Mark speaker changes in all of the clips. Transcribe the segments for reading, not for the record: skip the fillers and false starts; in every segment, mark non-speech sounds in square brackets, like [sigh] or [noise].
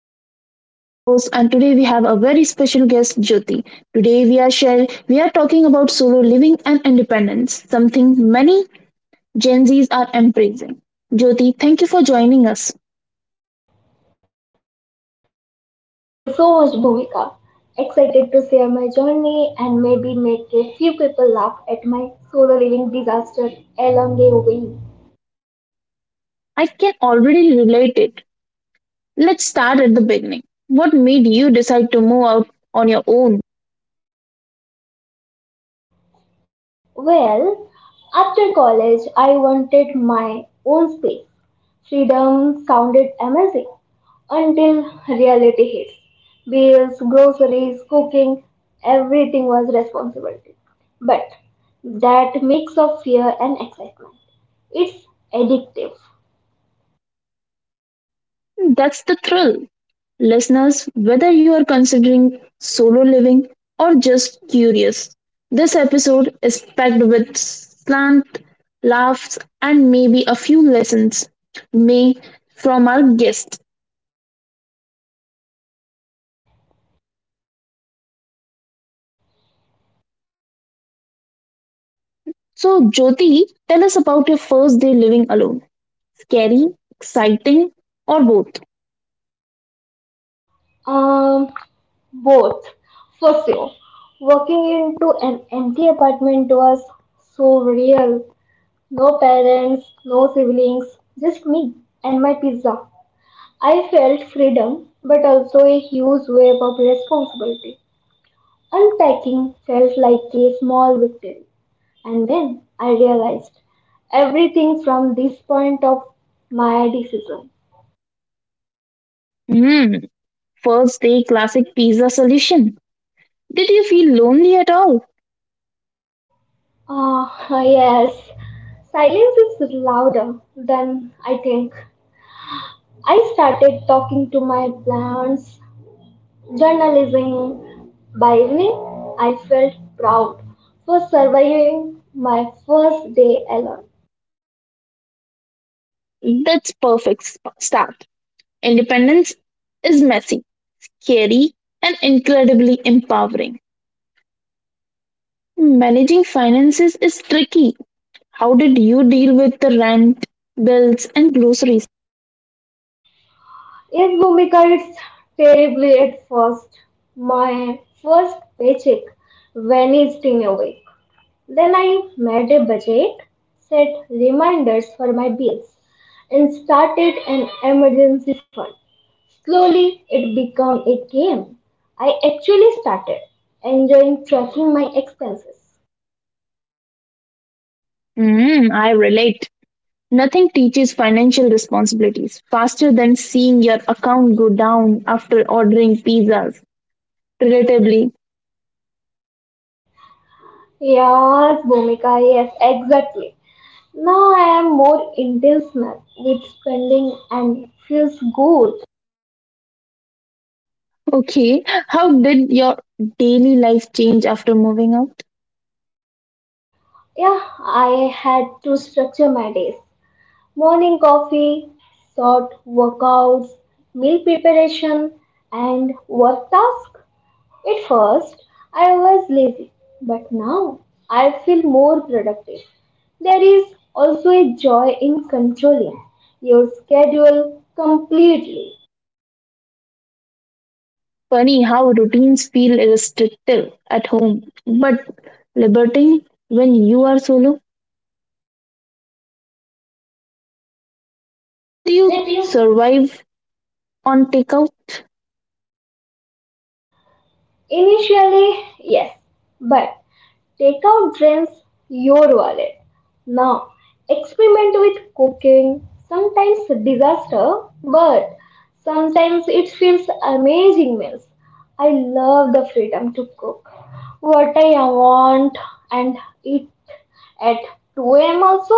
Speaker 1: I'm Bhumika, your host, and today we have a very special guest, Jyoti. Today we are talking about solo living and independence, something many Gen Zs are embracing. Jyoti, thank you for joining us.
Speaker 2: Thank you so much, Bhuvika. Excited to share my journey and maybe make a few people laugh at my solo living disaster along the way.
Speaker 1: I can already relate it. Let's start at the beginning. What made you decide to move out on your own?
Speaker 2: Well, after college, I wanted my own space. Freedom sounded amazing until reality hits. Bills, groceries, cooking, everything was responsibility. But that mix of fear and excitement, it's addictive.
Speaker 1: That's the thrill. Listeners, whether you are considering solo living or just curious, this episode is packed with slant, laughs, and maybe a few lessons may from our guest. So, Jyoti, tell us about your first day living alone. Scary, exciting, or both?
Speaker 2: Um, Both, for sure. Walking into an empty apartment was so real. No parents, no siblings, just me and my pizza. I felt freedom, but also a huge wave of responsibility. Unpacking felt like a small victory. And then I realized everything from this point of my decision.
Speaker 1: Hmm, first day classic pizza solution. Did you feel lonely at all?
Speaker 2: Yes. Silence is louder than I think. I started talking to my plants, journalism. By evening, I felt proud for surviving my first day alone.
Speaker 1: That's start. Independence is messy scary, and incredibly empowering. Managing finances is tricky. How did you deal with the rent, bills, and groceries?
Speaker 2: Yes, Bhumika, it's terribly at first. My first paycheck vanished in a way. Then I made a budget, set reminders for my bills, and started an emergency fund. Slowly, it became a game. I actually started enjoying tracking my expenses.
Speaker 1: Mm, I relate. Nothing teaches financial responsibilities faster than seeing your account go down after ordering pizzas. Relatively.
Speaker 2: Yes, Bhumika, yes, exactly. Now I am more intentional with spending and feels good.
Speaker 1: Okay, how did your daily life change after moving out?
Speaker 2: Yeah, I had to structure my days. Morning coffee, short workouts, meal preparation, and work tasks. At first, I was lazy, but now I feel more productive. There is also a joy in controlling your schedule completely.
Speaker 1: Funny how routines feel restrictive at home, but liberating when you are solo. Did you
Speaker 2: Did you?
Speaker 1: survive on takeout?
Speaker 2: Initially, yes, but takeout drains your wallet. Now, experiment with cooking. Sometimes disaster, but sometimes it feels amazing meals. I love the freedom to cook what I want and eat at 2 a.m. also.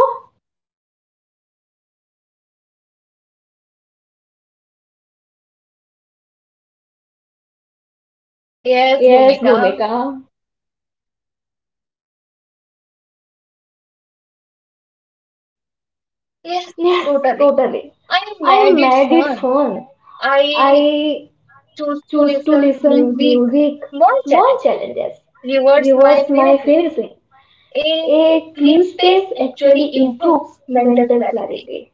Speaker 2: Yes, Bhumika. Yes, totally. I made it fun. I choose to listen music, small challenges, rewards my facing. A clean space actually improves mental clarity.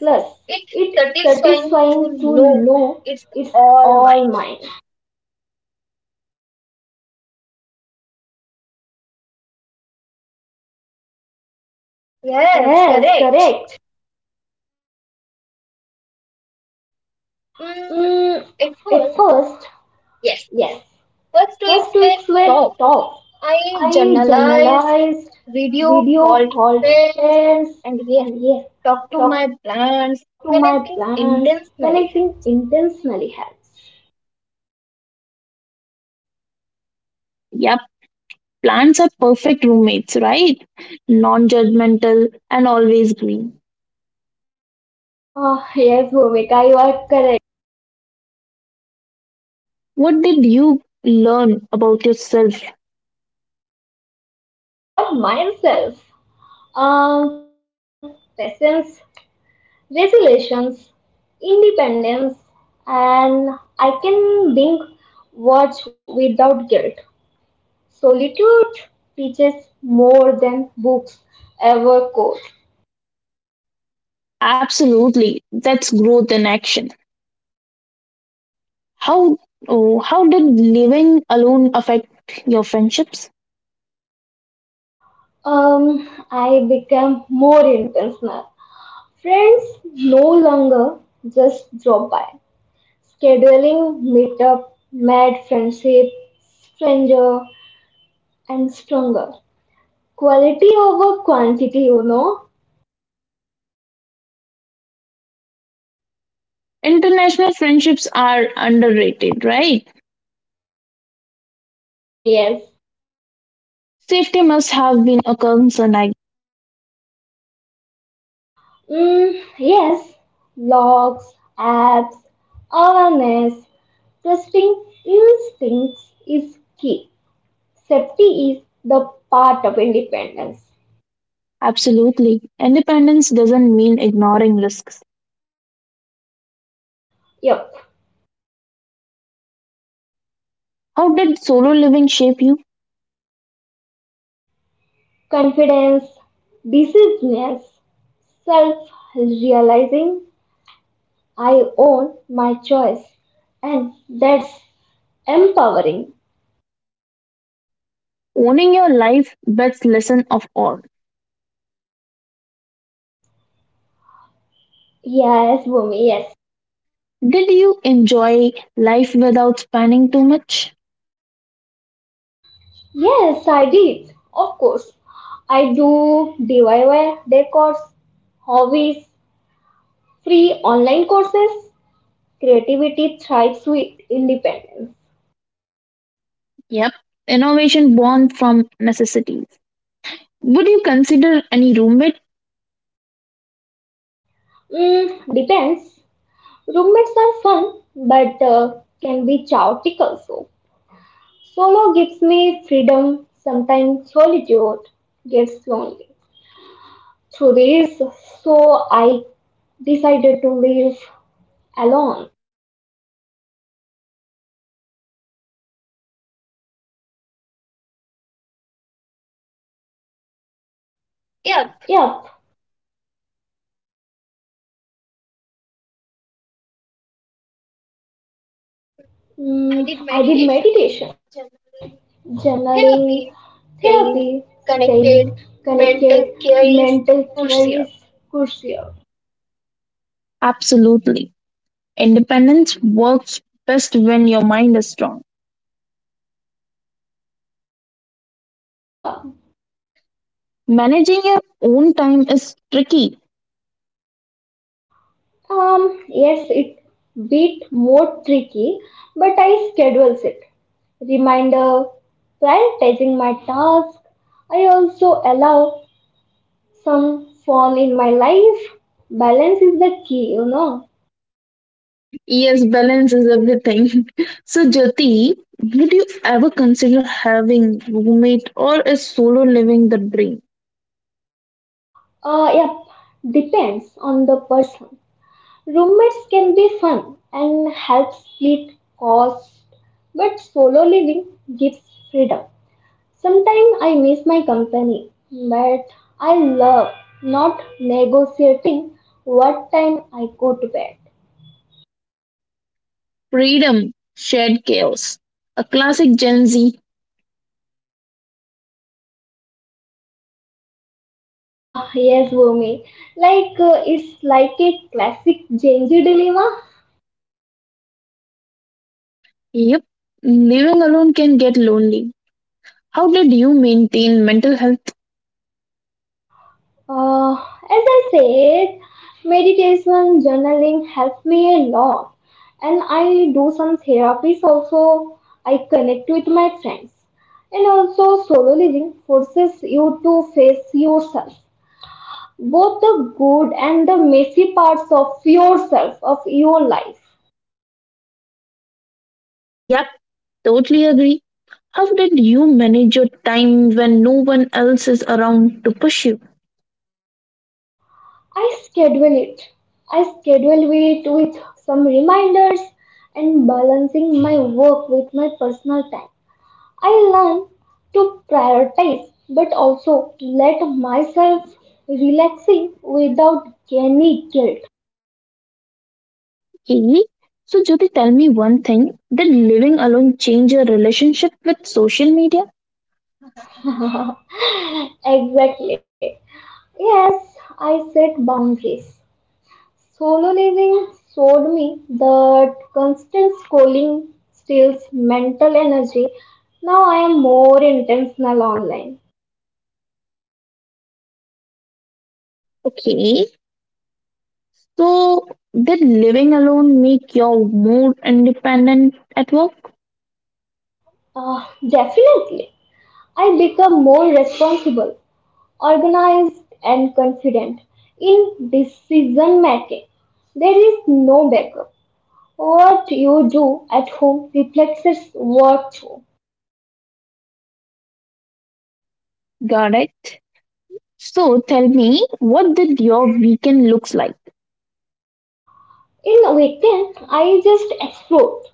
Speaker 2: Plus, it's satisfying to know it's all mine. Yes, correct. Mm, at first, yes. First weeks were tough. I journalized, video called friends, and yes, talk to my plants. Connecting intentionally helps.
Speaker 1: Yep, plants are perfect roommates, right? Non judgmental and always green.
Speaker 2: Ah yes, Bhumika, you are correct.
Speaker 1: What did you learn about yourself?
Speaker 2: About myself. Patience, resilience, independence, and I can being watch without guilt. Solitude teaches more than books ever could.
Speaker 1: Absolutely, that's growth in action. How, oh, how did living alone affect your friendships?
Speaker 2: I became more intentional. Friends no longer just drop by. Scheduling meetup made friendship stranger and stronger. Quality over quantity, you know.
Speaker 1: International friendships are underrated, right?
Speaker 2: Yes, Bhumi, yes.
Speaker 1: Safety must have been a concern, I—
Speaker 2: Mm, yes, blogs, apps, awareness, trusting instincts is key. Safety is the part of independence.
Speaker 1: Absolutely. Independence doesn't mean ignoring risks.
Speaker 2: Yep.
Speaker 1: How did solo living shape you?
Speaker 2: Confidence, decisiveness, self realizing I own my choice. And that's empowering.
Speaker 1: Owning your life, best lesson of all.
Speaker 2: Yes, Bhumi, yes.
Speaker 1: Did you enjoy life without spending too much?
Speaker 2: Yes, I did. Of course. I do DIY decors, hobbies, free online courses. Creativity thrives with independence.
Speaker 1: Yep. Innovation born from necessities. Would you consider any roommate?
Speaker 2: Mm, depends. Roommates are fun, but can be chaotic also. Solo gives me freedom, sometimes solitude gets lonely. Through this, so I decided to live alone. Yep. Mm, I did meditation, journaling, therapy, staying connected. Mental care is crucial.
Speaker 1: Absolutely. Independence works best when your mind is strong.
Speaker 2: Yes, Bhumika.
Speaker 1: Managing your own time is tricky.
Speaker 2: Yes, it bit more tricky, but I schedules it. Reminder, prioritizing my task. I also allow some fun in my life. Balance is the key, you know.
Speaker 1: Yes, balance is everything. [laughs] So, Jyoti, would you ever consider having roommate or is solo living the dream?
Speaker 2: Yep, depends on the person. Roommates can be fun and help split costs, but solo living gives freedom. Sometimes I miss my company, but I love not negotiating what time I go to bed.
Speaker 1: Freedom, shared chaos. A classic Gen Z.
Speaker 2: Ah, yes, Bhumi. Like it's like a classic Genji dilemma.
Speaker 1: Yep, living alone can get lonely. How did you maintain mental health?
Speaker 2: As I said, meditation journaling helps me a lot, and I do some therapies also. I connect with my friends, and also solo living forces you to face yourself, both the good and the messy parts of yourself of your life.
Speaker 1: Yep, totally agree. How did you manage your time when no one else is around to push you?
Speaker 2: I schedule it. I schedule it with some reminders and balancing my work with my personal time. I learn to prioritize but also let myself relaxing without any guilt.
Speaker 1: Hey, so Jyoti, tell me one thing. Did living alone change your relationship with social media?
Speaker 2: [laughs] Exactly. Yes, I set boundaries. Solo living showed me that constant scrolling steals mental energy. Now I am more intentional online.
Speaker 1: Okay, so did living alone make you more independent at work?
Speaker 2: Definitely. I become more responsible organized and confident in decision making. There is no backup. What you do at home reflects what you.
Speaker 1: Got it. So tell me, what did your weekend looks like?
Speaker 2: In weekend, I just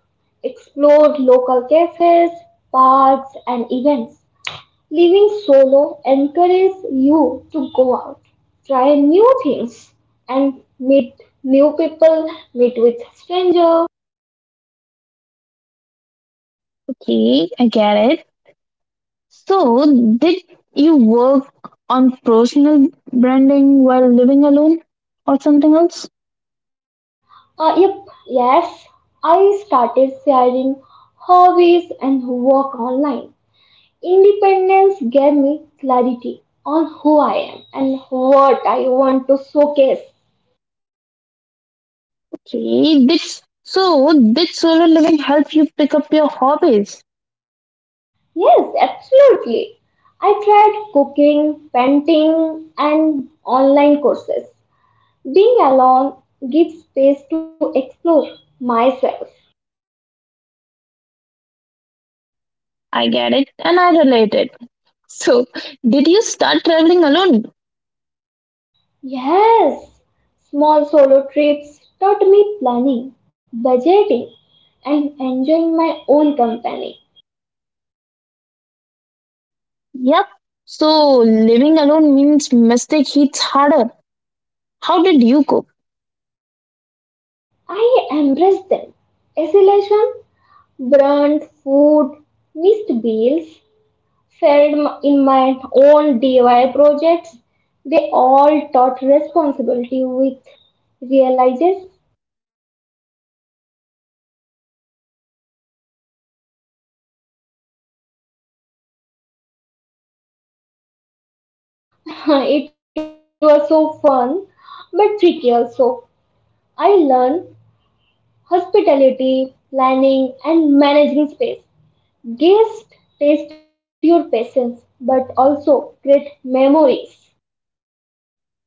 Speaker 2: explored local cafes, parks, and events. Living solo encourages you to go out, try new things, and new people, meet with strangers.
Speaker 1: Okay, I get it. So did you work on personal branding while living alone or something else?
Speaker 2: Uh, yep, yes. I started sharing hobbies and work online. Independence gave me clarity on who I am and what I want to showcase.
Speaker 1: Okay, did solo living help you pick up your hobbies?
Speaker 2: Yes, absolutely. I tried cooking, painting, and online courses. Being alone gives space to explore myself.
Speaker 1: I get it and I relate it. So did you start traveling alone?
Speaker 2: Yes, small solo trips taught me planning, budgeting, and enjoying my own company.
Speaker 1: Yep. So living alone means mistake hits harder. How did you cope?
Speaker 2: I embraced them. Isolation, burnt food, missed bills, in my own DIY projects. They all taught responsibility with realizes. [laughs] It was so fun but tricky also. I learned hospitality, planning, and managing space. Guests test your patience but also create memories.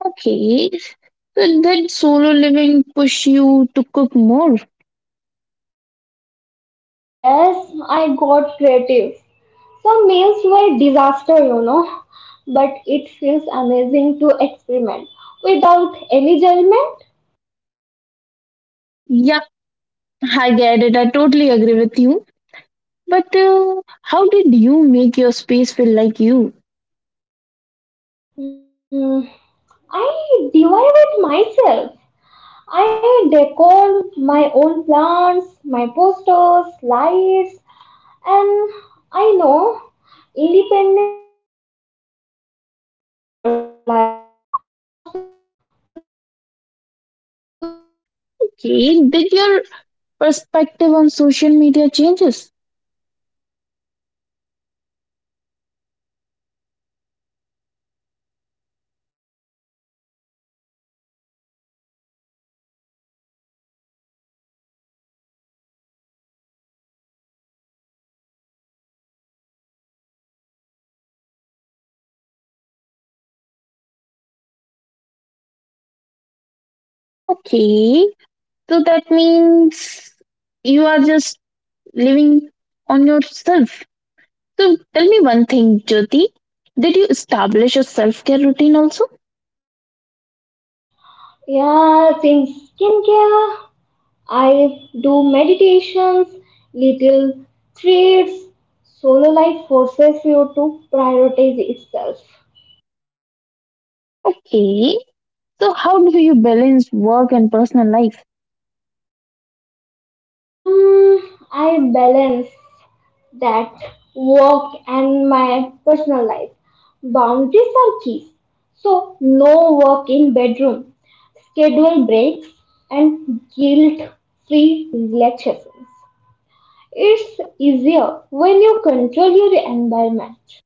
Speaker 1: Okay. So did solo living push you to cook more?
Speaker 2: Yes, I got creative. Some meals were disaster, you know, but it feels amazing to experiment without any judgment.
Speaker 1: Yeah, I get it. I totally agree with you. But how did you make your space feel like you?
Speaker 2: Hmm, I DIY it myself. I decor my own plants, my posters, lights, and I know independence let you fully personalize your space. No compromises.
Speaker 1: Okay. Did your perspective on social media changes?
Speaker 2: Yes, I realized compromises steals joy. Solo living taught me how to post, engaging intentionally, not compulsive.
Speaker 1: Okay. So that means you are just living on yourself. So tell me one thing, Jyoti. Did you establish a self care routine also?
Speaker 2: Yeah, in skincare, I do meditations, little treats. Solo life forces you to prioritize itself.
Speaker 1: Okay. So, how do you balance work and personal life?
Speaker 2: Mm, I balance that work and my personal life. Boundaries are keys. So no work in bedroom. Schedule breaks and guilt-free relaxations. It's easier when you control your environment.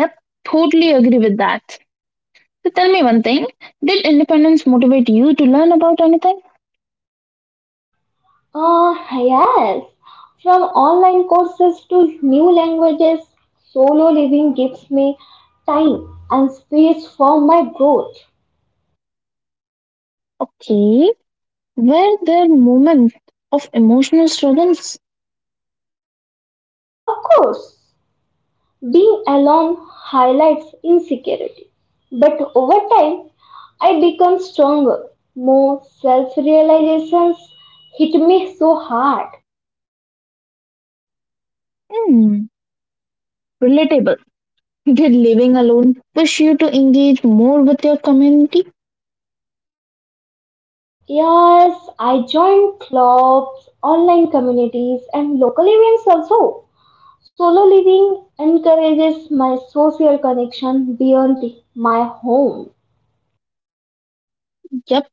Speaker 1: Yep, totally agree with that. So, tell me one thing did independence motivate you to learn about anything?
Speaker 2: Yes, from online courses to new languages, solo living gives me time and space for my growth.
Speaker 1: Okay, were there moments of emotional struggles?
Speaker 2: Of course, being alone highlights insecurity, but over time, I become stronger. More self realizations hit me so hard.
Speaker 1: Hmm, relatable. [laughs] Did living alone push you to engage more with your community?
Speaker 2: Yes, I joined clubs, online communities, and local events also. Solo living encourages my social connection beyond my home.
Speaker 1: Yep.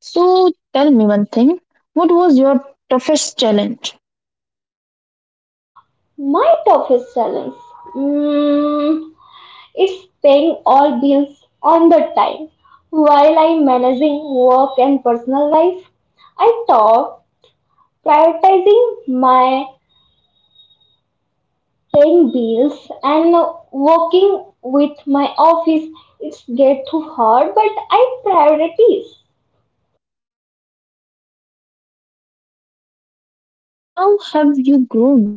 Speaker 1: So, tell me one thing what was your toughest challenge?
Speaker 2: My toughest challenge, mm, it's paying all bills on the time. While I'm managing work and personal life, I thought prioritizing my paying bills and working with my office. It's get too hard, but I prioritize.
Speaker 1: Okay, looking back, how have you grown?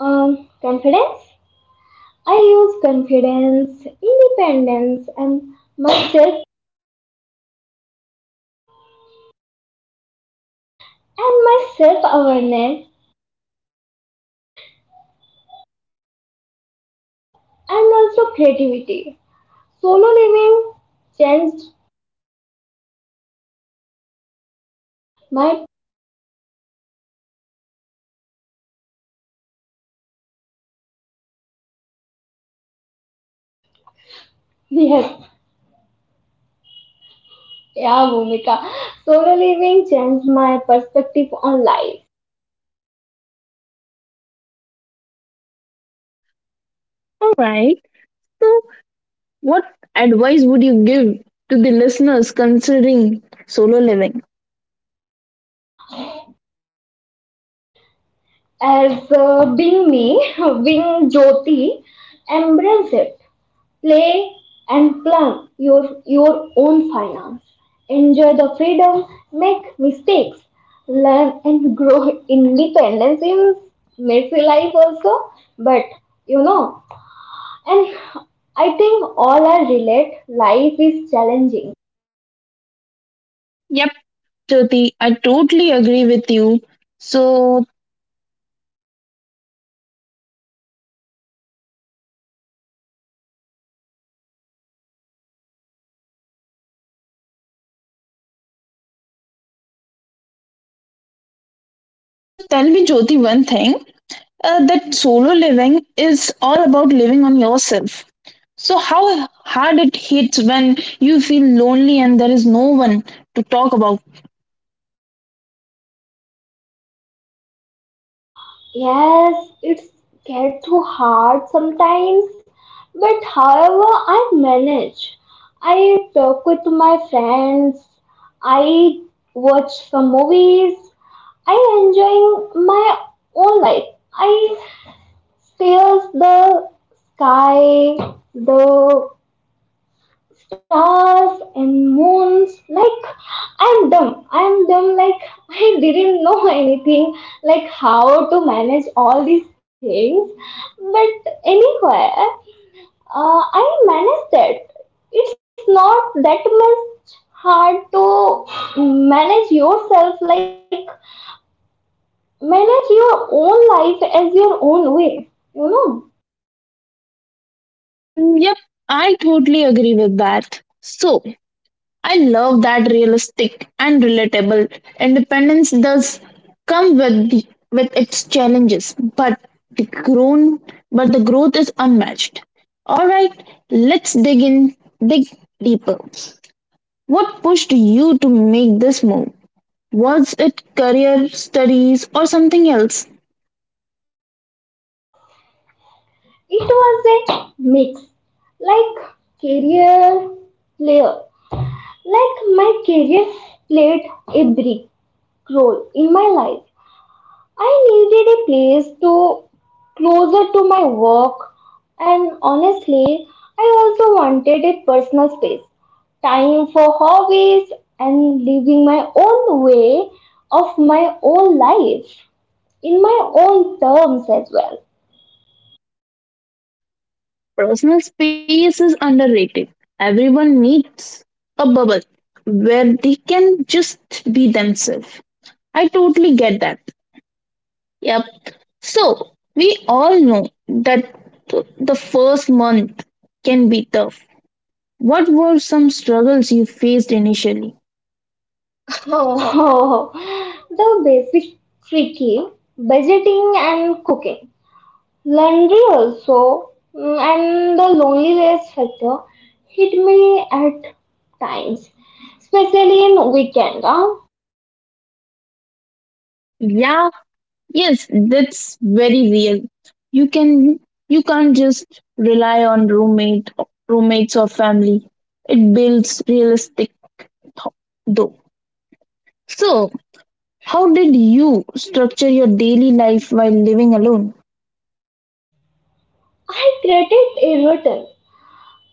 Speaker 2: Confidence I use confidence, independence, and myself and my self awareness and also creativity. Solo living changed my yes, yeah, Bhumika. Solo living changed my perspective on life.
Speaker 1: All right. So, what advice would you give to the listeners considering solo living?
Speaker 2: As being me, [laughs] being Jyoti, embrace it. Play and plan your own finance. Enjoy the freedom, make mistakes, learn and [laughs] grow independence in messy life also. But you know, and I think all are relate. Life is challenging.
Speaker 1: Jyoti, I totally agree with you. So, so tell me, Jyoti, one thing that solo living is all about living on yourself. So, how hard it hits when you feel lonely and there is no one to talk about.
Speaker 2: Yes, it's get too hard sometimes, but however I manage. I talk with my friends, I watch some movies, I enjoy my own life. I see the sky, the stars and moons like I'm dumb, like I didn't know anything, like how to manage all these things. But anyway, I managed it. It's not that much hard to manage yourself, like manage your own life as your own way, you know.
Speaker 1: Mm, yep, I totally agree with that. So, I love that realistic and relatable independence does come with its challenges, but the grown but the growth is unmatched. All right, let's dig deeper. What pushed you to make this move? Was it career studies or something else?
Speaker 2: It was a mix, like career player like my career played a big role in my life. I needed a place to closer to my work, and honestly I also wanted personal space, time for hobbies and living my own way of my own life in my own terms as well. [laughs]
Speaker 1: Personal space is underrated. Everyone needs a bubble where they can just be themselves. I totally get that. Yep. So we all know that the first month can be tough. What were some struggles you faced initially?
Speaker 2: Oh, the basic tricky budgeting and cooking. Laundry also, mm, and the loneliness factor hit me at times, especially in weekend, huh?
Speaker 1: Yeah, yes, that's very real. You can you can't just rely on roommates or family. It builds realistic th- though. So, how did you structure your daily life while living alone?
Speaker 2: I created a routine.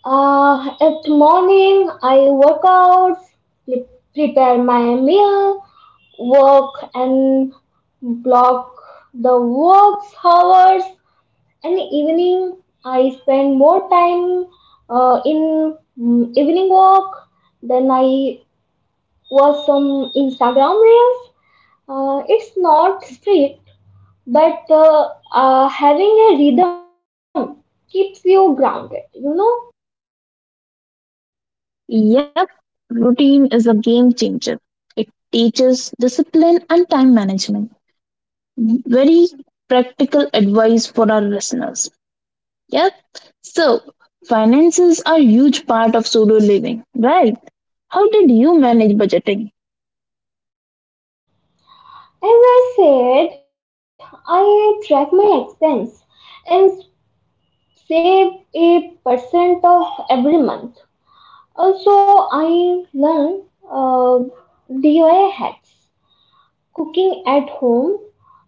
Speaker 2: At morning, I work out, pre- prepare my meal, work and block the work hours. And evening, I spend more time in evening walk. Then I was some Instagram reels. It's not strict, but having a rhythm keeps you grounded, you know.
Speaker 1: Yep, routine is a game changer. It teaches discipline and time management. Very practical advice for our listeners. Yep. So, finances are a huge part of solo living, right? How did you manage budgeting?
Speaker 2: As I said, I track my expense and save a percent of every month. Also, I learn uh, DIY hacks, cooking at home.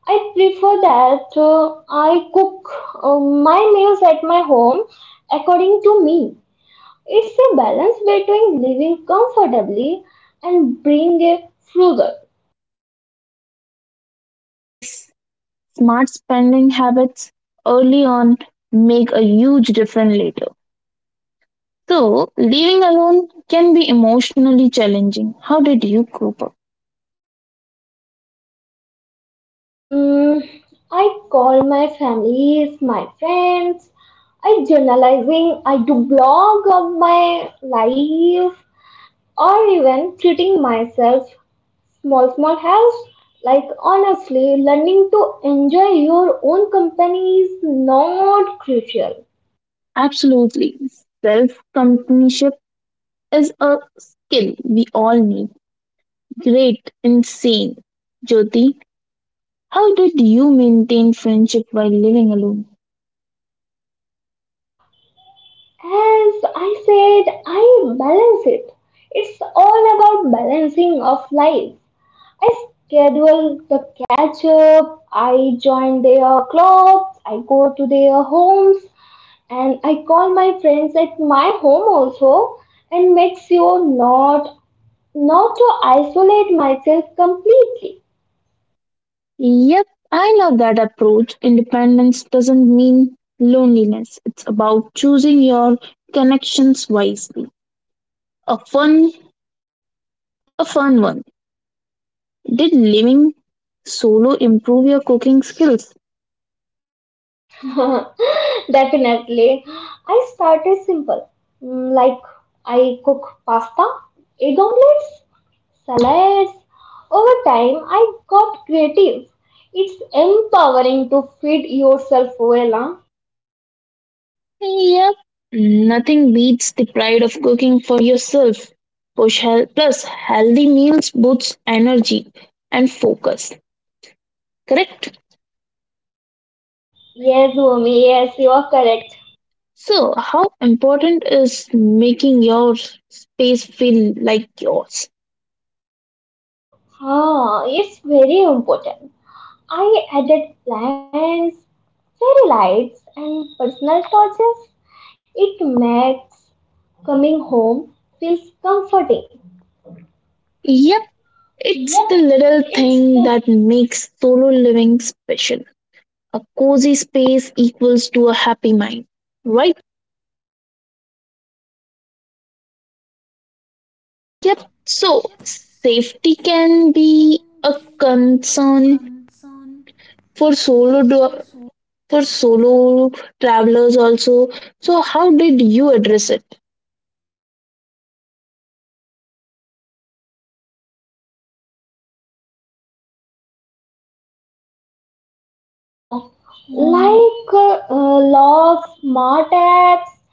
Speaker 2: I prefer that I cook my meals at my home according to me. It's a balance between living comfortably and being a frugal.
Speaker 1: Yes, smart spending habits early on make a huge difference later. So, living alone can be emotionally challenging. How did you cope up?
Speaker 2: Mm, I call my families, my friends. I journalizing. I do blog of my life, or even treating myself small helps. Like honestly, learning to enjoy your own company is not crucial.
Speaker 1: Absolutely. Self companionship is a skill we all need. Great, insane. Jyoti, how did you maintain friendship while living alone?
Speaker 2: As I said, I balance it. It's all about balancing of life. I schedule the catch up, I join their clubs, I go to their homes, and I call my friends at my home also, and make sure not to isolate myself completely.
Speaker 1: Yep, I love that approach. Independence doesn't mean loneliness. It's about choosing your connections wisely. A fun a fun one. Did living solo improve your cooking skills?
Speaker 2: [laughs] Definitely. I started simple. Mm, like I cook pasta, egg omelets, salads. Over time, I got creative. It's empowering to feed yourself well, huh?
Speaker 1: Yep, nothing beats the pride of cooking for yourself. Plus, healthy meals boosts energy and focus. Correct?
Speaker 2: Yes, Bhumi, yes, you are correct.
Speaker 1: So, how important is making your space feel like yours?
Speaker 2: Ah, it's very important. I added plants, fairy lights, and personal touches. It makes coming home feels comforting.
Speaker 1: Yep, it's
Speaker 2: Yep,
Speaker 1: the little
Speaker 2: it's the
Speaker 1: thing that makes solo living special. A cozy space equals to a happy mind, right? Yep. So, safety can be a concern for for solo travelers also, so how did you address it?
Speaker 2: lock. Like logs, smart apps,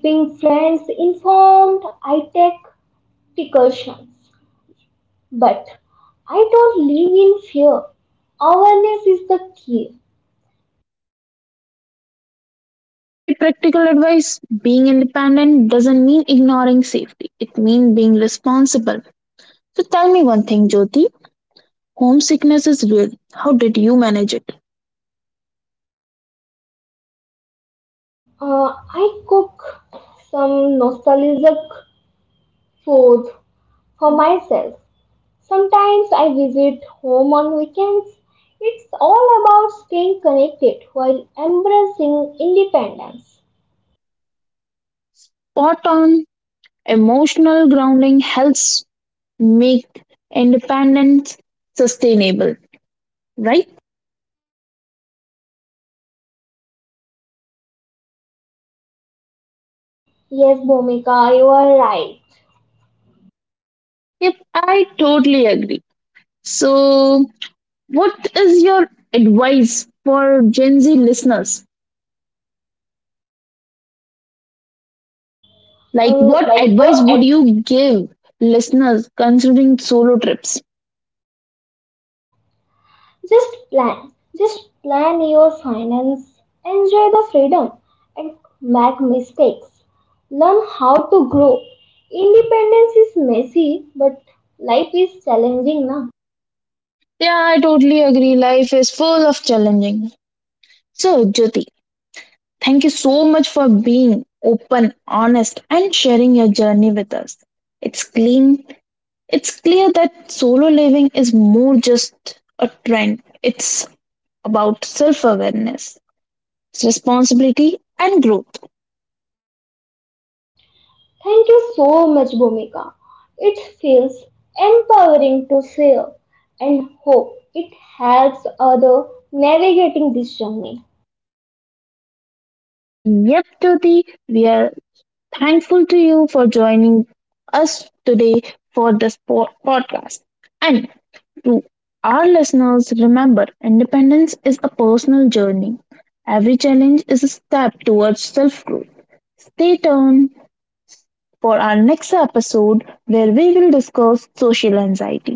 Speaker 2: keeping friends informed, I take precautions. But I don't live in fear. Awareness is the key.
Speaker 1: Yep, very practical advice. Being independent doesn't mean ignoring safety, it means being responsible. So tell me one thing, Jyoti. Homesickness is real. How did you manage it?
Speaker 2: I cook some nostalgic food for myself. Sometimes I visit home on weekends. It's all about staying connected while embracing independence.
Speaker 1: Spot on. Emotional grounding helps make independence sustainable, right?
Speaker 2: Yes, Bhumika, you are right.
Speaker 1: Yep, I totally agree. So, what is your advice for Gen Z listeners? Like,
Speaker 2: Uh,
Speaker 1: what
Speaker 2: like what?
Speaker 1: advice
Speaker 2: ad-
Speaker 1: would you give listeners considering solo trips?
Speaker 2: Just plan. Just plan your finance. Enjoy the freedom and make mistakes. Learn how to grow. Independence is messy, but life is challenging now.
Speaker 1: Yeah, I totally agree. Life is full of challenging. So, Jyoti, thank you so much for being open, honest, and sharing your journey with us. It's clean. It's clear that solo living is more just a trend. It's about self-awareness, responsibility, and growth.
Speaker 2: Thank you so much, Bhumika. It feels empowering to share and hope it helps other navigating this journey.
Speaker 1: Yep, Jyoti, we are thankful to you for joining us today for this podcast. And to our listeners, remember independence is a personal journey. Every challenge is a step towards self growth. Stay tuned for our next episode where we will discuss social anxiety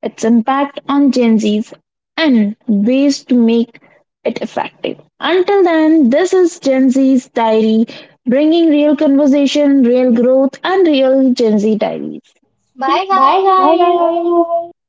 Speaker 1: its impact on Gen Zs, and ways to make it effective. Until then, this is Gen Z's Diary, bringing real conversation, real growth, and real Gen Z diaries. Bye,
Speaker 2: Bye guys.
Speaker 1: guys.
Speaker 2: Bye.